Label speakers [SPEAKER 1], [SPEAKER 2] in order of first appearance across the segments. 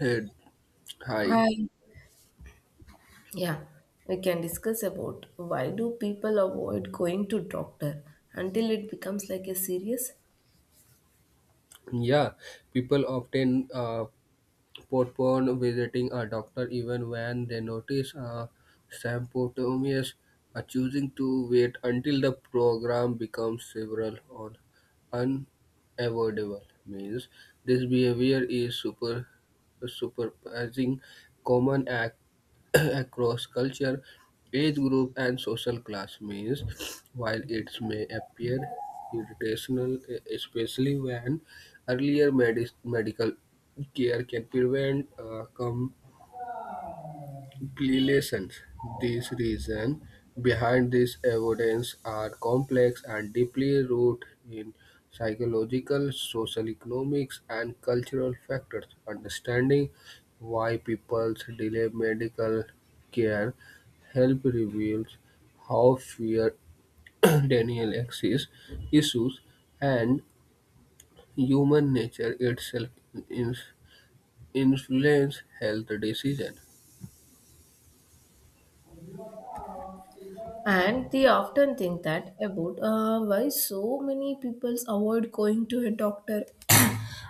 [SPEAKER 1] Uh, Hi.
[SPEAKER 2] Hi. Yeah, we can discuss about why do people avoid going to doctor until it becomes like a serious,
[SPEAKER 1] Yeah, people often postpone visiting a doctor even when they notice a symptoms, choosing to wait until the program becomes severe or unavoidable means this behavior is super surprising common across culture age group and social class means while it may appear irritational especially when earlier medis medical care can prevent complications. These reasons behind this evidence are complex and deeply rooted in psychological, social economics, and cultural factors. Understanding why people delay medical care help reveals how fear, denial access issues, and human nature itself is influence health decision.
[SPEAKER 2] and they often think that about why so many people avoid going to a doctor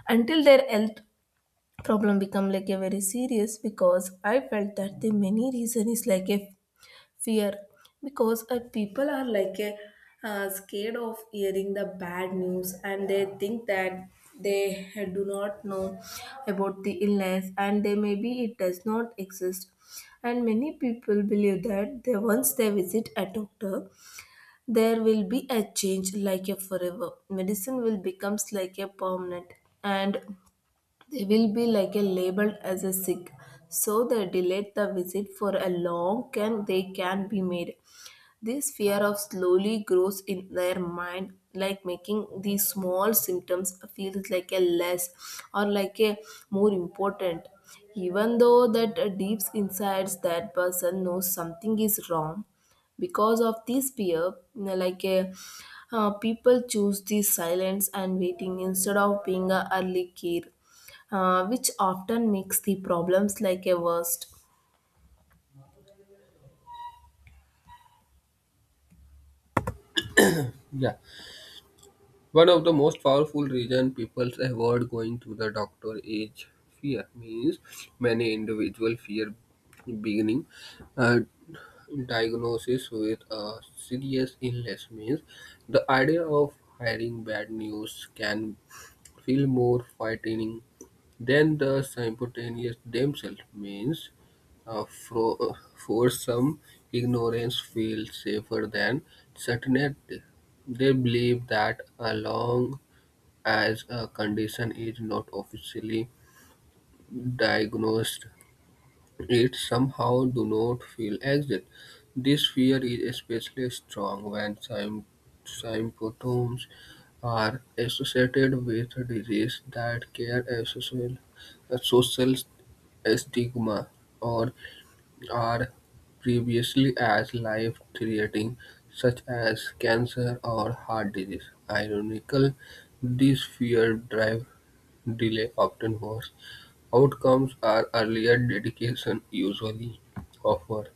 [SPEAKER 2] until their health problem become like a very serious, because I felt that the many reason is like a fear, because people are like a, scared of hearing the bad news, and they think that they do not know about the illness, and they maybe it does not exist. And many people believe that they, once they visit a doctor, there will be a change like a forever medicine will becomes like a permanent, and they will be like a labeled as a sick, so they delayed the visit for a long can they can be made. This fear of slowly grows in their mind, like making these small symptoms feels like a less or like a more important. Even though that deep inside that person knows something is wrong, because of this fear, like a people choose this silence and waiting instead of being a early care, which often makes the problems like a worst.
[SPEAKER 1] Yeah. One of the most powerful reasons people avoid going to the doctor is fear. Means many individual fear beginning a diagnosis with a serious illness. Means the idea of hearing bad news can feel more frightening than the simultaneous themselves. Means uh, fro- uh, for some ignorance feels safer than certainty. They believe that as long as a condition is not officially diagnosed, it somehow do not feel exist. This fear is especially strong when symptoms are associated with disease that carry a social stigma or are previously as life-threatening, such as cancer or heart disease. Ironically, these fear drive delay often worse outcomes are earlier dedication usually offer.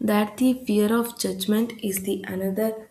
[SPEAKER 2] That the fear of judgment is the another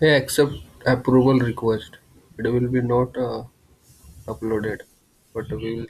[SPEAKER 1] Hey, accept approval request. It will be not uploaded, but we will